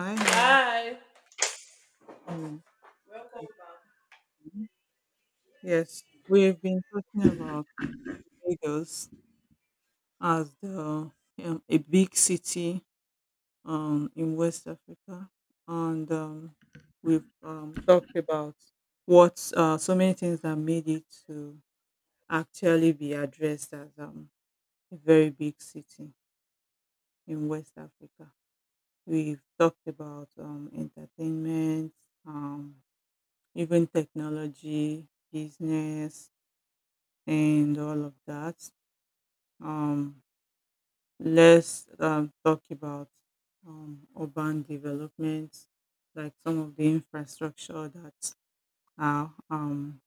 Hi, hi. Hi. Mhm. Welcome back. Yes, we've been talking about Lagos as the a big city in West Africa, and we've talked about what so many things that made it to actually be addressed as a very big city in West Africa. We've talked about entertainment, um, even technology, business, and all of that. Um, let's talk about urban development, like some of the infrastructure that are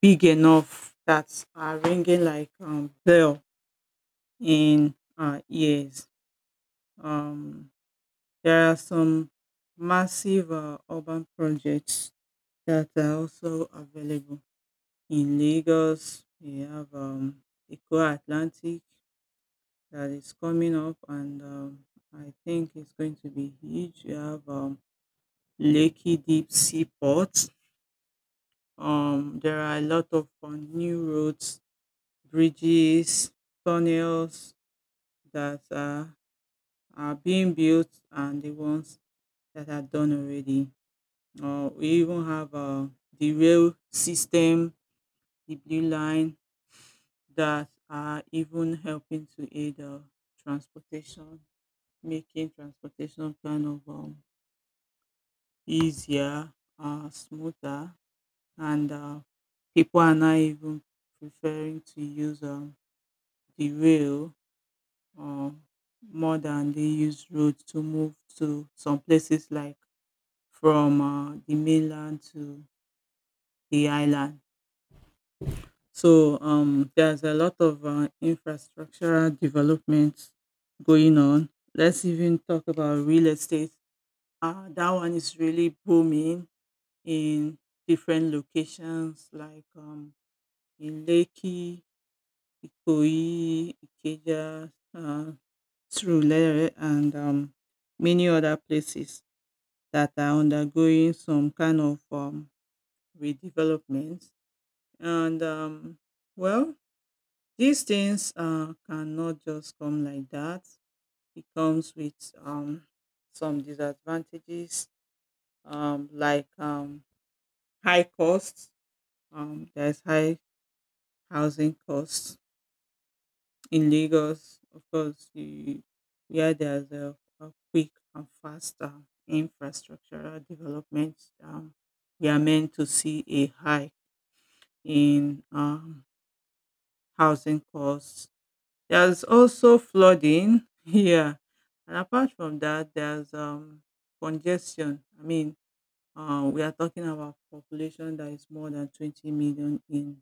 big enough that are ringing like bell in our ears. Um, there are some massive urban projects that are also available in Lagos. We have Eco Atlantic that is coming up, and I think it's going to be huge. You have Lekki Deep Sea Port. There are a lot of new roads, bridges, tunnels that are, are being built, and the ones that are done already. We even have the rail system, the blue line, that are even helping to aid transportation, making transportation kind of easier, smoother, and people are now even preferring to use the rail um, more than they use road to move to some places like from the mainland to the island. So there's a lot of infrastructural development going on. Let's even talk about real estate. That one is really booming in different locations like in Lekki, Ikoyi, Ikeja, Surulere, and many other places that are undergoing some kind of redevelopment. And well, these things cannot just come like that. It comes with um, some disadvantages like high costs. There's high housing costs in Lagos. Of course, you, where there's a quick and faster infrastructural development, um, we are meant to see a hike in housing costs. There's also flooding here, and apart from that, there's congestion. I mean, we are talking about population that is more than 20 million in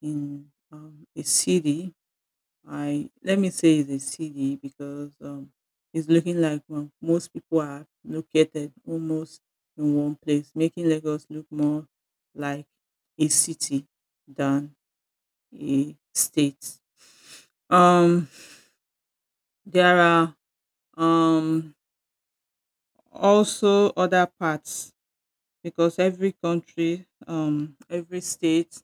a city. I let me say it's a CD because it's looking like most people are located almost in one place, making Lagos look more like a city than a state. Um, there are um, also other parts because every country, every state,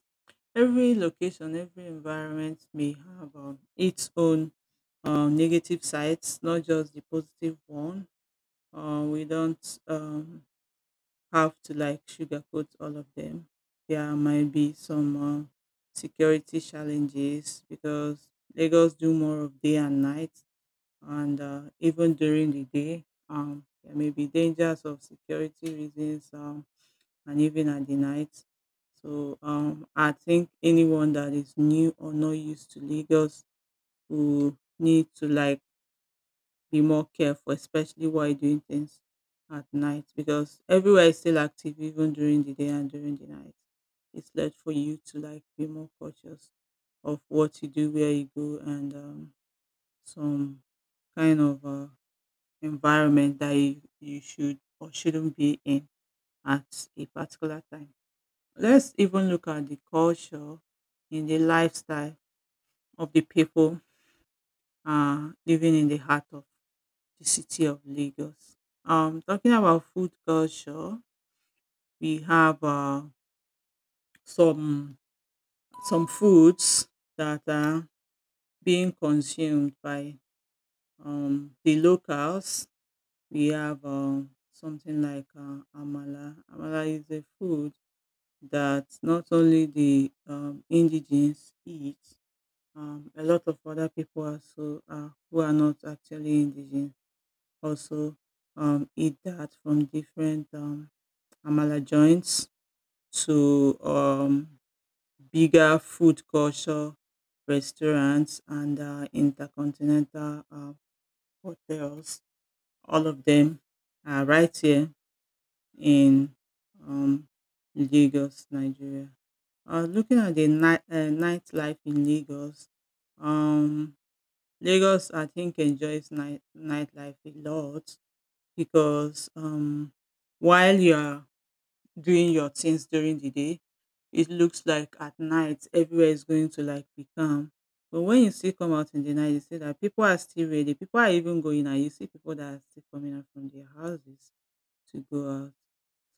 every location, every environment may have its own negative sides, not just the positive one. We don't have to like sugarcoat all of them. There might be some security challenges because Lagos do more of day and night, and even during the day, there may be dangers of security reasons. And even at the night. So I think anyone that is new or not used to Lagos will need to like be more careful, especially while doing things at night, because everywhere is still active even during the day and during the night. It's led for you to like be more cautious of what you do, where you go, and some kind of environment that you should or shouldn't be in at a particular time. Let's even look at the culture and the lifestyle of the people living in the heart of the city of Lagos. Talking about food culture, we have some some foods that are being consumed by the locals. We have something like amala. Amala is a food that not only the indigenes eat, a lot of other people also who are not actually indigenous also eat that from different amala joints to bigger food culture restaurants and intercontinental hotels. All of them are right here in um, Lagos, Nigeria. Looking at the nightlife in Lagos, um, Lagos, I think, enjoys nightlife a lot because while you're doing your things during the day, it looks like at night everywhere is going to like be calm. But when you still come out in the night, you see that people are still ready. People are even going out. You see people that are still coming out from their houses to go out.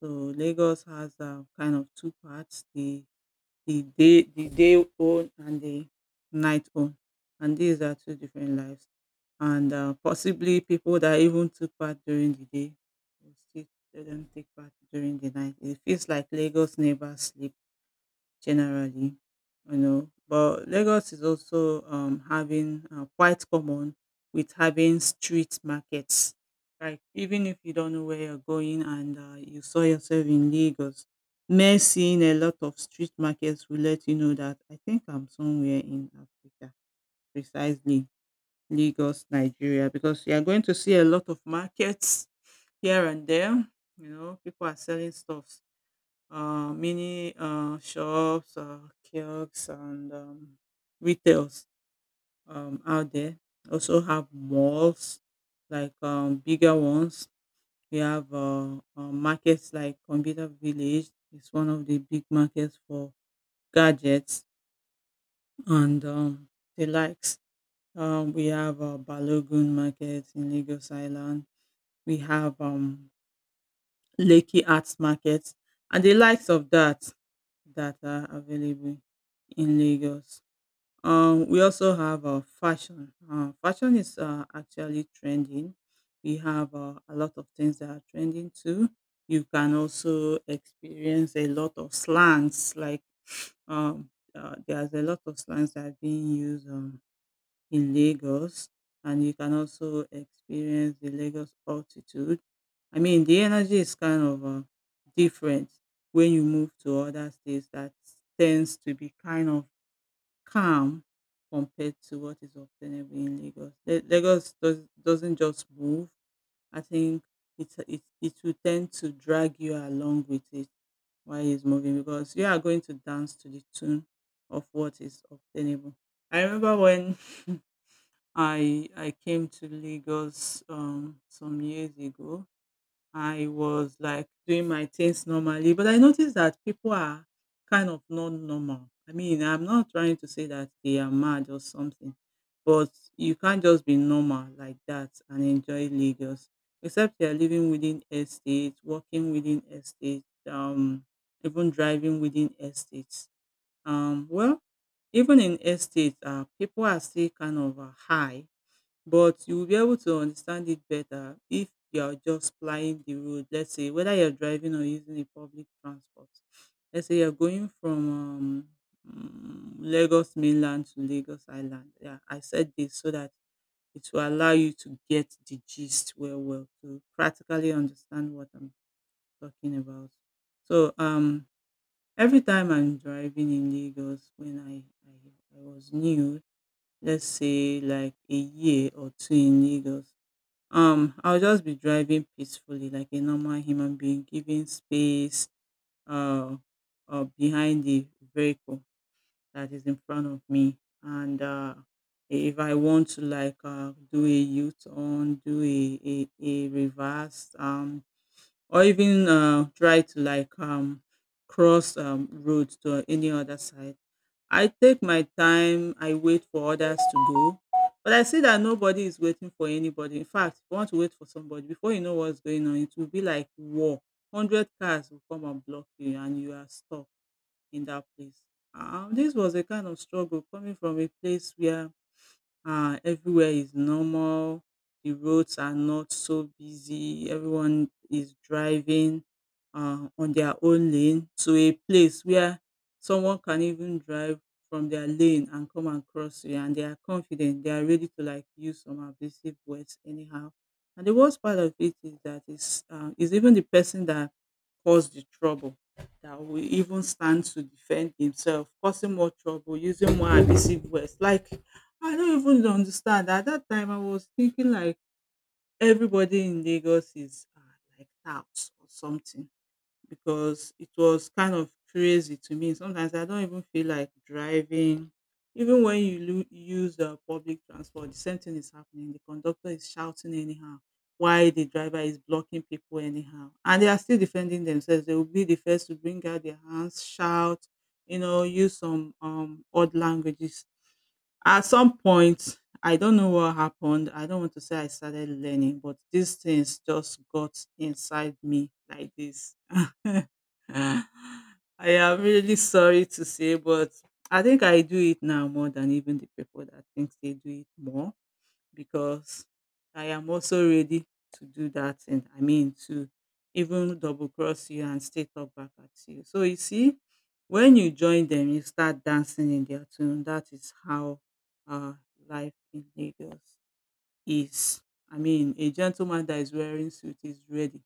So Lagos has kind of two parts: the day own and the night own, and these are two different lives, and possibly people that even took part during the day will still, they not take part during the night. It feels like Lagos never sleep generally, you know. But Lagos is also having quite common with having street markets. Like even if you don't know where you're going and you saw yourself in Lagos, mere seeing a lot of street markets will let you know that I think I'm somewhere in Africa, precisely Lagos, Nigeria, because you are going to see a lot of markets here and there. You know, people are selling stuff, many shops, kiosks, and retails out there. Also have malls, like bigger ones. We have markets like Computer Village. It's one of the big markets for gadgets and the likes. We have Balogun Market in Lagos Island. We have Lekki Arts Market and the likes of that that are available in Lagos. We also have fashion. Fashion is actually trending. We have a lot of things that are trending too. You can also experience a lot of slangs. Like there's a lot of slangs that are being used in Lagos, and you can also experience the Lagos altitude. I mean, the energy is kind of different when you move to other states. That tends to be kind of calm compared to what is obtainable in Lagos. Lagos doesn't just move. I think it will tend to drag you along with it while it's moving because you are going to dance to the tune of what is obtainable. I remember when I came to Lagos some years ago. I was like doing my things normally, but I noticed that people are kind of not normal. I mean, I'm not trying to say that they are mad or something, but you can't just be normal like that and enjoy Lagos, except you are living within estates, working within estates, even driving within estates. Well, even in estates, people are still kind of high, but you will be able to understand it better if you are just plying the road. Let's say whether you're driving or using a public transport. Let's say you're going from Lagos mainland to Lagos Island. Yeah, I said this so that it will allow you to get the gist well, to practically understand what I'm talking about. So every time I'm driving in Lagos when I, I was new, let's say like a year or two in Lagos, I'll just be driving peacefully like a normal human being, giving space uh, behind the vehicle that is in front of me, and if I want to like do a U-turn, do a reverse, or even try to like cross roads to any other side, I take my time, I wait for others to go, but I see that nobody is waiting for anybody. In fact, if you want to wait for somebody, before you know what's going on, it will be like war. 100 cars will come and block you, and you are stuck in that place. This was a kind of struggle, coming from a place where everywhere is normal. The roads are not so busy. Everyone is driving on their own lane, to a place where someone can even drive from their lane and come and cross you, and they are confident. They are ready to like use some abusive words anyhow. And the worst part of it is that it's is even the person that caused the trouble that will even stand to defend himself, causing more trouble, using more abusive words like I don't even understand. At that time, I was thinking like everybody in Lagos is like that or something because it was kind of crazy to me. Sometimes I don't even feel like driving. Even when you use public transport, the same thing is happening. The conductor is shouting anyhow while the driver is blocking people anyhow. And they are still defending themselves. They will be the first to bring out their hands, shout, you know, use some odd languages. At some point, I don't know what happened. I don't want to say I started learning, but these things just got inside me like this. I am really sorry to say, but I think I do it now more than even the people that think they do it more because I am also ready to do that. And I mean, to even double cross you and stay talk back at you. So you see, when you join them, you start dancing in their tune. That is how uh, life in Lagos is. I mean, a gentleman that is wearing suit is ready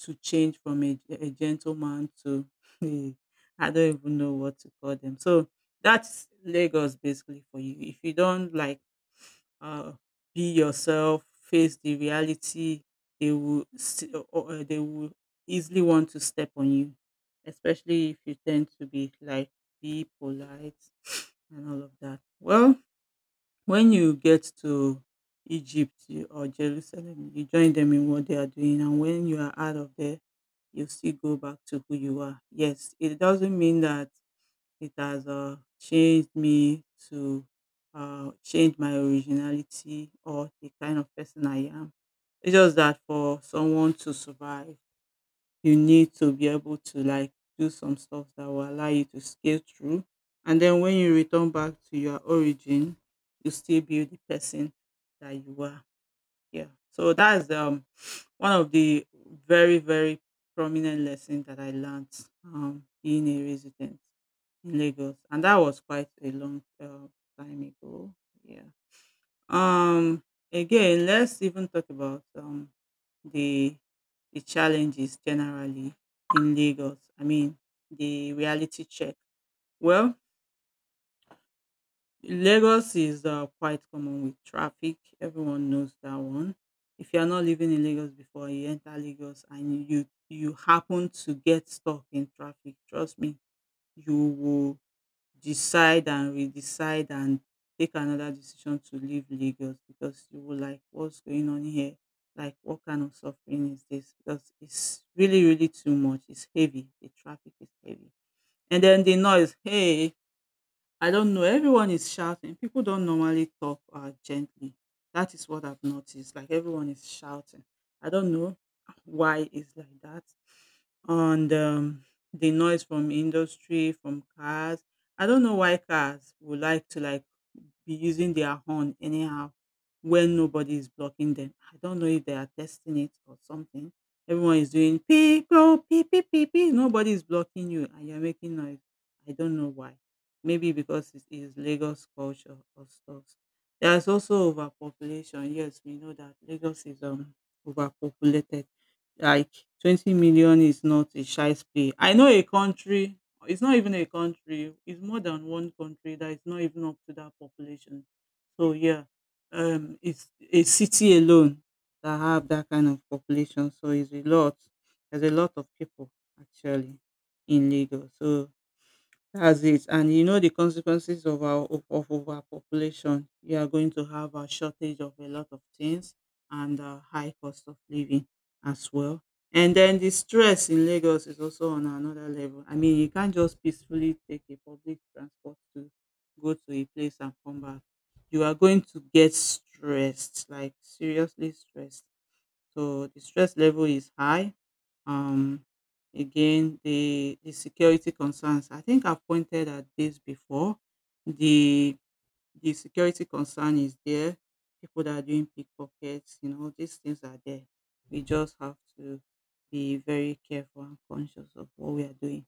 to change from a gentleman to a, I don't even know what to call them. So that's Lagos basically for you. If you don't like uh, be yourself, face the reality. They will see, or they will easily want to step on you, especially if you tend to be like be polite and all of that. Well, when you get to Egypt or Jerusalem, you join them in what they are doing, and when you are out of there, you still go back to who you are. Yes, it doesn't mean that it has changed me to change my originality or the kind of person I am. It's just that for someone to survive, you need to be able to like do some stuff that will allow you to scale through. And then when you return back to your origin, you still be the person that you are. Yeah. So that's one of the very, very prominent lesson that I learned being a resident in Lagos, and that was quite a long time ago. Yeah. Um. Again, let's even talk about the the challenges generally in Lagos. I mean, the reality check. Well, Lagos is quite common with traffic. Everyone knows that one. If you are not living in Lagos before you enter Lagos and you happen to get stuck in traffic, trust me, you will decide and redecide and take another decision to leave Lagos because you will like what's going on here. Like what kind of suffering is this? Because it's really, really too much. It's heavy. The traffic is heavy. And then the noise, hey, I don't know. Everyone is shouting. People don't normally talk gently. That is what I've noticed. Like everyone is shouting. I don't know why it's like that. And the noise from industry, from cars. I don't know why cars would like to like be using their horn anyhow when nobody is blocking them. I don't know if they are testing it or something. Everyone is doing pee go pee pee pee pee. Nobody is blocking you and you're making noise. I don't know why. Maybe because it is Lagos culture or stuff. There's also overpopulation. Yes, we know that Lagos is overpopulated like 20 million is not a shy play. I know a country, it's not even a country, it's more than one country that is not even up to that population. So yeah, it's a city alone that have that kind of population. So it's a lot. There's a lot of people actually in Lagos. So that's it. And you know the consequences of our of overpopulation. You are going to have a shortage of a lot of things and a high cost of living as well. And then the stress in Lagos is also on another level. I mean, you can't just peacefully take a public transport to go to a place and come back. You are going to get stressed, like seriously stressed. So the stress level is high um, Again, the security concerns. I think I've pointed at this before. The the security concern is there. People that are doing pickpockets, these things are there. We just have to be very careful and conscious of what we are doing.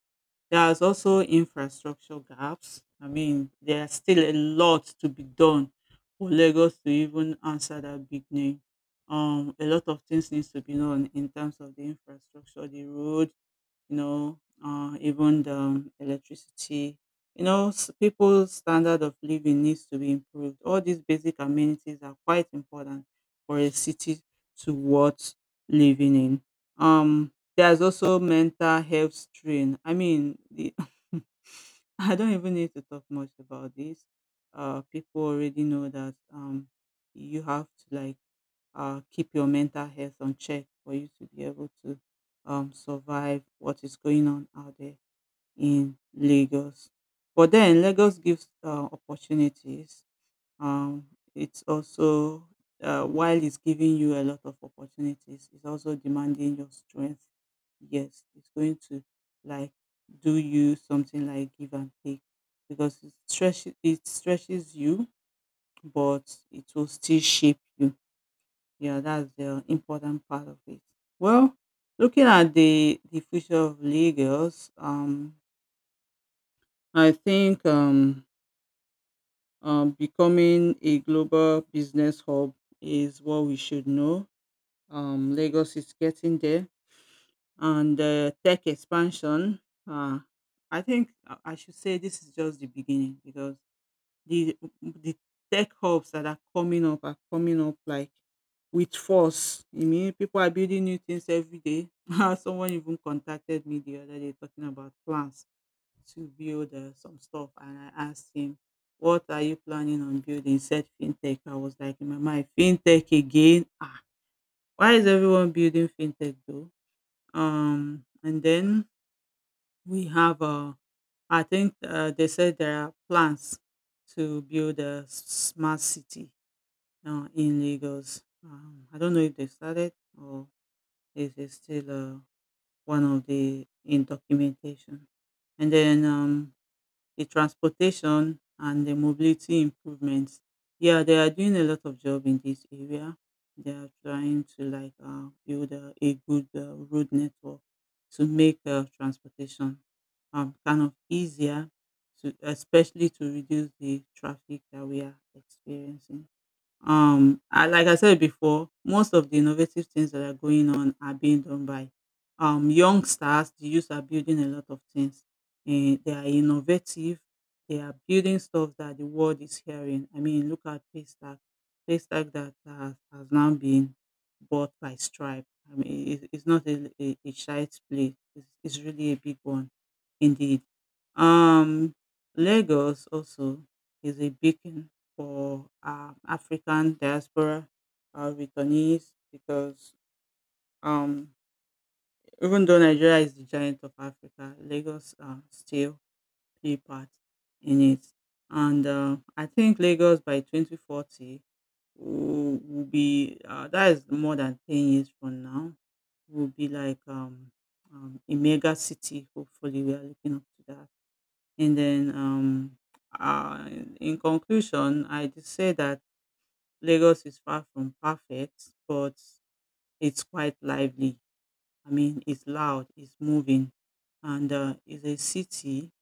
There's also infrastructure gaps. I mean, there's still a lot to be done for Lagos to even answer that big name. A lot of things needs to be done in terms of the infrastructure, the road, even the electricity. People's standard of living needs to be improved. All these basic amenities are quite important for a city to worth living in. There's also mental health strain. I mean, I don't even need to talk much about this. People already know that you have to like keep your mental health on check for you to be able to survive what is going on out there in Lagos. But then Lagos gives opportunities. Um, it's also while it's giving you a lot of opportunities, it's also demanding your strength. Yes, it's going to like do you something like give and take because it stretches you, but it will still shape you. Yeah, that's the important part of it. Well, looking at the future of Lagos, I think becoming a global business hub is what we should know. Lagos is getting there, and tech expansion. Uh, I think I should say this is just the beginning because the tech hubs that are coming up like with force. I mean, people are building new things every day. Someone even contacted me the other day talking about plans to build some stuff, and I asked him, "What are you planning on building?" He said fintech. I was like, in my mind, fintech again. Ah, why is everyone building fintech though? And then we have I think they said there are plans to build a smart city now in Lagos. I don't know if they started or if it's still one of the in documentation. And then the transportation and the mobility improvements. Yeah, they are doing a lot of job in this area. They are trying to like build a good road network to make transportation kind of easier, especially to reduce the traffic that we are experiencing. I like I said before, most of the innovative things that are going on are being done by young stars. The youth are building a lot of things, and they are innovative. They are building stuff that the world is hearing. I mean, look at Paystack. Paystack that has now been bought by Stripe. I mean, it's not a child's play. It's really a big one, indeed. Um, Lagos also is a beacon for African diaspora returnees because um, even though Nigeria is the giant of Africa, Lagos still play part in it. And I think Lagos by 2040 will be, that is more than 10 years from now, will be like a mega city. Hopefully, we are looking up to that. And then in conclusion, I just say that Lagos is far from perfect, but it's quite lively. I mean, it's loud, it's moving, and it's a city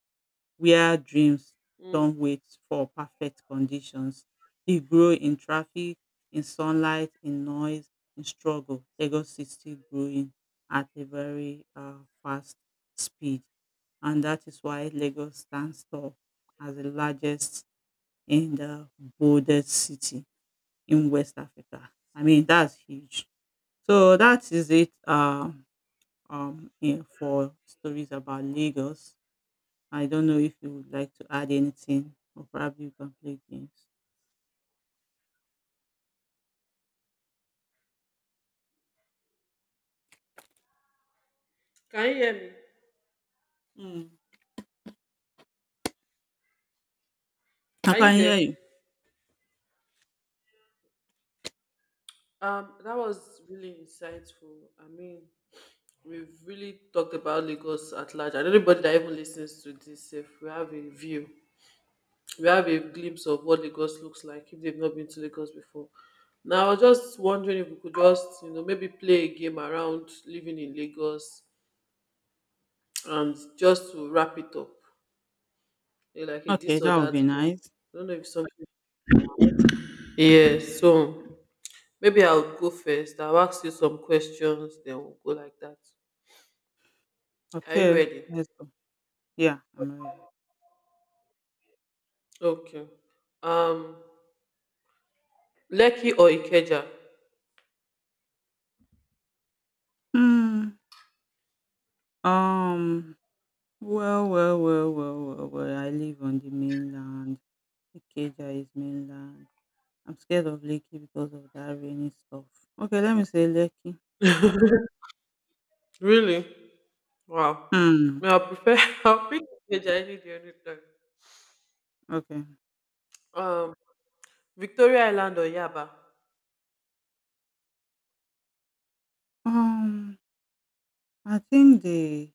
where dreams Mm, don't wait for perfect conditions. It grow in traffic, in sunlight, in noise, in struggle. Lagos is still growing at a very fast speed, and that is why Lagos stands tall as the largest and the boldest city in West Africa. I mean, that's huge. So that is it yeah, for stories about Lagos. I don't know if you would like to add anything, or probably you can play games. Can you hear me? Mm. I Are you can hear there? you. That was really insightful. I mean, we've really talked about Lagos at large, and anybody that even listens to this, if we have a view, we have a glimpse of what Lagos looks like if they've not been to Lagos before. Now, I was just wondering if we could just, you know, maybe play a game around living in Lagos, and just to wrap it up, eh, like a this Okay, or that would that be game. nice. I don't know if something. Yes. So, maybe I'll go first. I'll ask you some questions, then we'll go like that. Are you Okay, ready? let's go. Yeah, I'm ready. Okay. Um, Lekki or Ikeja? Hmm. Um. Well, well, well, well, well, well. I live on the mainland. Ikeja is mainland. I'm scared of Lekki because of that rainy stuff. Okay, let me say Lekki. Really? Wow. May Hmm, I prefer? I'll pick Ikeja any day, any time. okay. Um, Victoria Island or Yaba? Um, I think the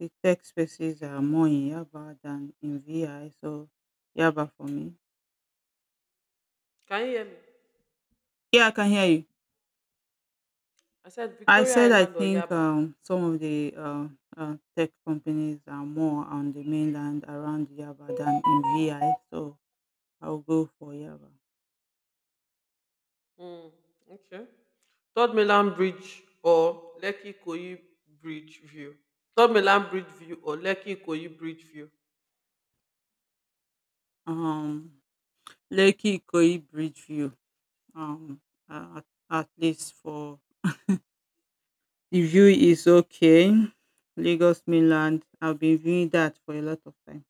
the tech spaces are more in Yaba than in VI, so Yaba for me. Can you hear me? Yeah, I can hear you. I said I Victoria said I Island or think Yaba. Some of the tech companies are more on the mainland around Yaba than in VI, so I'll go for Yaba. Hmm. Okay. Third Milan Bridge or Lekki Koyi Bridge View? Third Milan Bridge View or Lekki Koyi Bridge View? Um, Lekki Koi Bridgeview. Um, uh, at, at least for the view is okay. Lagos mainland, I've been viewing that for a lot of time.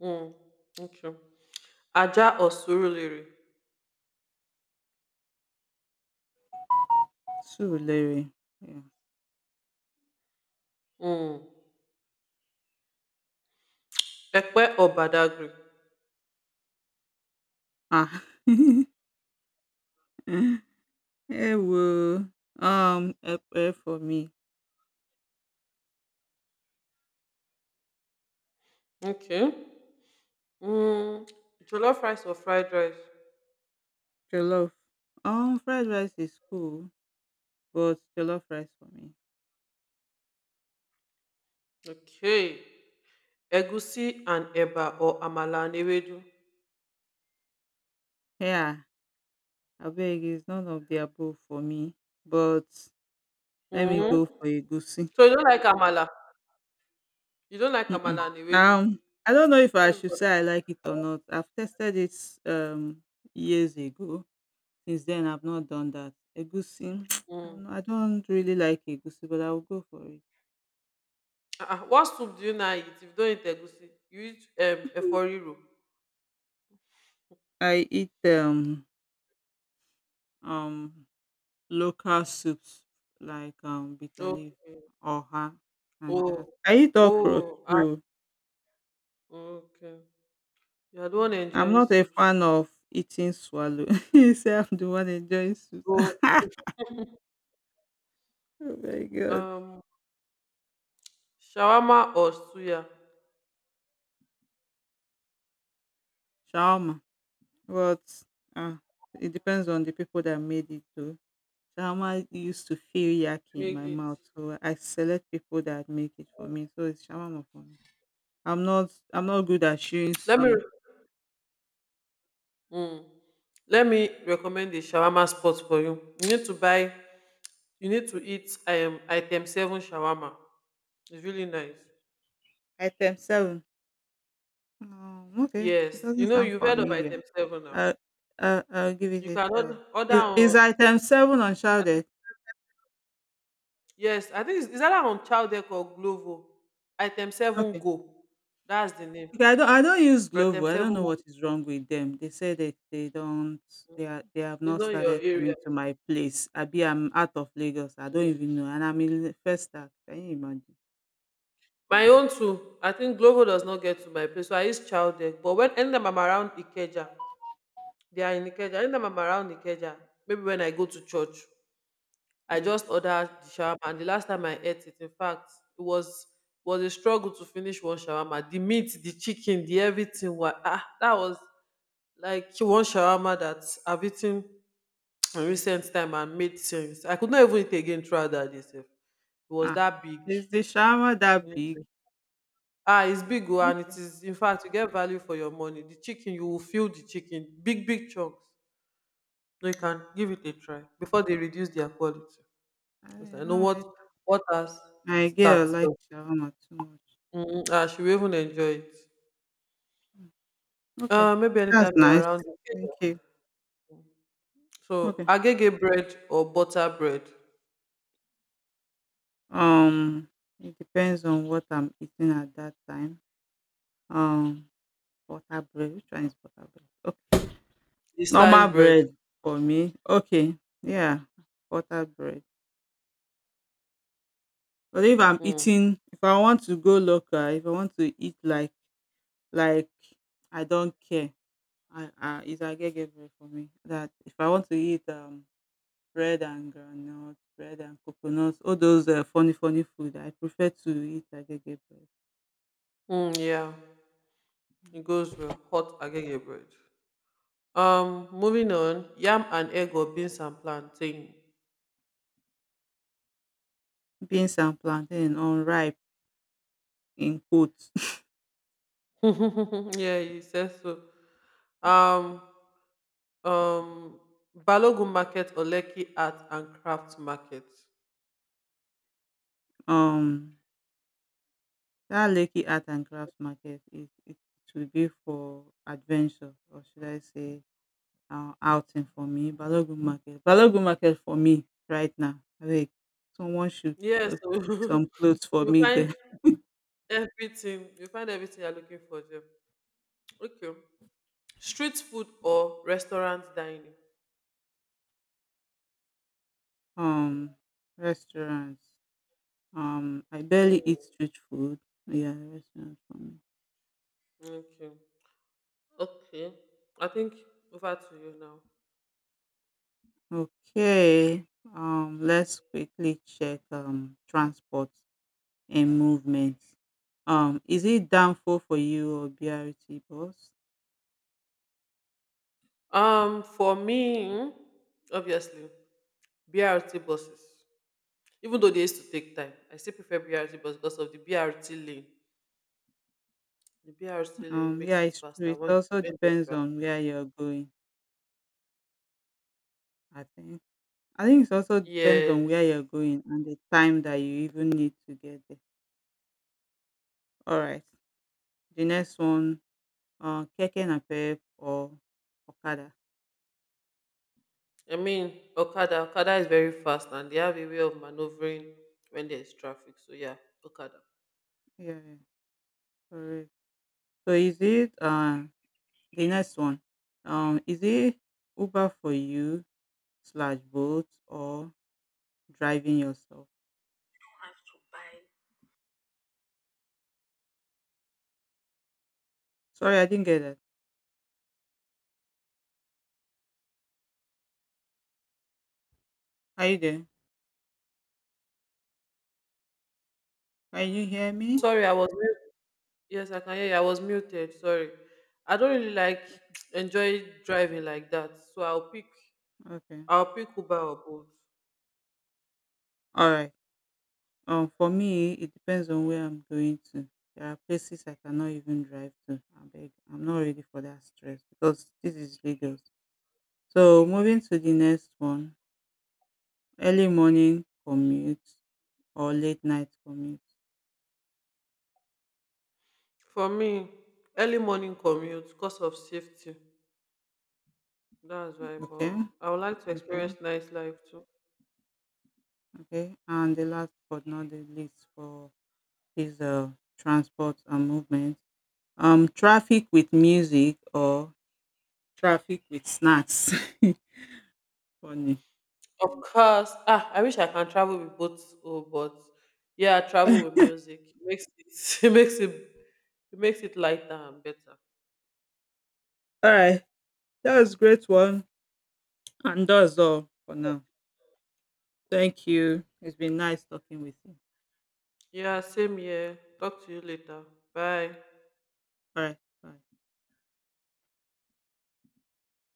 Hmm. Okay. Aja Osuruliri, Surulere, yeah. um Ekpe Obadagry, Ah! Ẹ wò, ẹ pẹ́ for me. okay. um Jollof rice or fried rice? Jollof. Fried rice is cool, but jollof rice for me. Okay. Egusi and eba or amala and ewedu? Yeah, abeg it's none of the above for me, but let me um go for egusi. So you don't like amala? You don't like Mm-mm. amala and ewedu? I don't know if Not I should everybody. say I like it or not. I've tested it um years ago. Since then, I've not done that. Egusi, um I don't really like egusi, but I will go for it. What soup do you now eat if you don't eat egusi? You eat eforiro? I eat um local soups like bitter Oh, leaf, oha, and oh, that. I eat okra oh, ah, too. okay. You are the one I'm enjoying not a soups. fan of eating swallow. you say I'm the one enjoying soup. So, oh my god, um shawarma or suya? shawarma. But uh, it depends on the people that made it too. Shawarma used to feel yucky in Made my it. mouth, so I select people that make it for me. So it's shawarma for me. I'm not good at chewing Let me suya. mm, Let me recommend a shawarma spot for you. You need to buy. You need to eat item seven shawarma. It's really nice. Item seven. Okay, it Yes, you doesn't know sound you've heard of familiar. item seven now. I, I'll give it You a can try. Order Is on. item seven I think, uncharted? yes, I think it's either on Chowdeck or Glovo. Item seven Okay. go. That's the name. Okay, I don't use Item Glovo. I don't seven know go. what is wrong with them. They say that they don't they are they have It's not not your started area. coming to my place. I'm out of Lagos. I don't Mm. even know. And I'm in First Stack. Can you imagine? My own too. I think Glovo does not get to my place, so I use Chowdeck. But when anytime I'm around Ikeja. They are in Ikeja. Anytime I'm around Ikeja, maybe when I go to church, I Mm. just order the shawarma. And the last time I ate it, in fact, it was a struggle to finish one shawarma. The meat, the chicken, the everything was ah, that was like one shawarma that I've eaten in recent time and made sense. I could not even eat again throughout that day, sef. It was Ah, that big. is the shower that Yeah. big? Ah, it's big oh, and it Okay, is in fact you get value for your money. The chicken, you will feel the chicken, big chunks. No, you can give it a shawarma. try I before they reduce their quality. I Because I know don't like. what has My girl starts. like So, shawarma too much. mm, I should even enjoy it. Mm, Okay, Maybe that's anytime you're nice. around. Thank you. So, Okay. agege bread or butter bread, Um, it depends on what I'm eating at that time. Um, butter bread. Which one is butter bread? Okay, the normal sliced bread. bread for me. Okay, yeah, butter bread. But if I'm Mm, eating, if I want to go local, if I want to eat like like I don't care. I it's agege bread for me. That if I want to eat bread and groundnut, bread and coconuts, all those funny funny food, I prefer to eat agege bread. Yeah, it goes well. Hot agege bread. Moving on, yam and egg or beans and plantain? Beans and plantain unripe in quotes. Yeah, you said so. Um, um, Balogun market or Lekki art and craft market? um, that Lekki Art and Crafts Market is it should be for adventure or should I say outing for me. Balogun Market, Balogun Market for me right now. Like someone should Yes. uh, pick some clothes for you me find there. You find everything you're looking for there. Okay. Street food or restaurant dining? Um, restaurants. I barely eat Mm, street food. Yeah, restaurant for me. okay. Okay. I think over to you now. Okay. Let's quickly check transport and movement. Is it downfall for you or BRT bus? For me, obviously, BRT buses. Even though they used to take time, I still prefer BRT bus because of the BRT lane. The BRT lane Um, makes yeah, it it's true. faster It once you also bend the depends track. on where you're going. I think. I think. It also depends on where Yes. you're going and the time that you even need to get there. All right. The next one, keke napep or okada. I mean, Okada is very fast and they have a way of maneuvering when there's traffic. So yeah, Okada. Yeah, correct. So is it the next one? Is it Uber for you slash boat or driving yourself? Sorry, I didn't get that. Are you there? Can you hear me? Sorry, I was mute. Yes, I can hear you. I was muted. Sorry, I don't really like enjoy driving like that. So Okay. I'll pick Uber or Bolt. All right. For me, it depends on where I'm going to. There are places I cannot even drive to. I beg. I'm not ready for that stress because this is Lagos. So moving to the next one, early morning commute or late night commute. For me, early morning commute, cause of safety. That's right, Okay. but I would like to experience Okay. nice life too. Okay, and the last but not the least for is transport and movement. Traffic with music or traffic with snacks. Funny. Of course. Ah, I wish I can travel with both. Oh, but yeah, travel with music, it makes it, it makes it it makes it lighter and better. All right, that was great one, and that's all for now. Thank you. It's been nice talking with you. Yeah, same here. Talk to you later. Bye. All right, bye.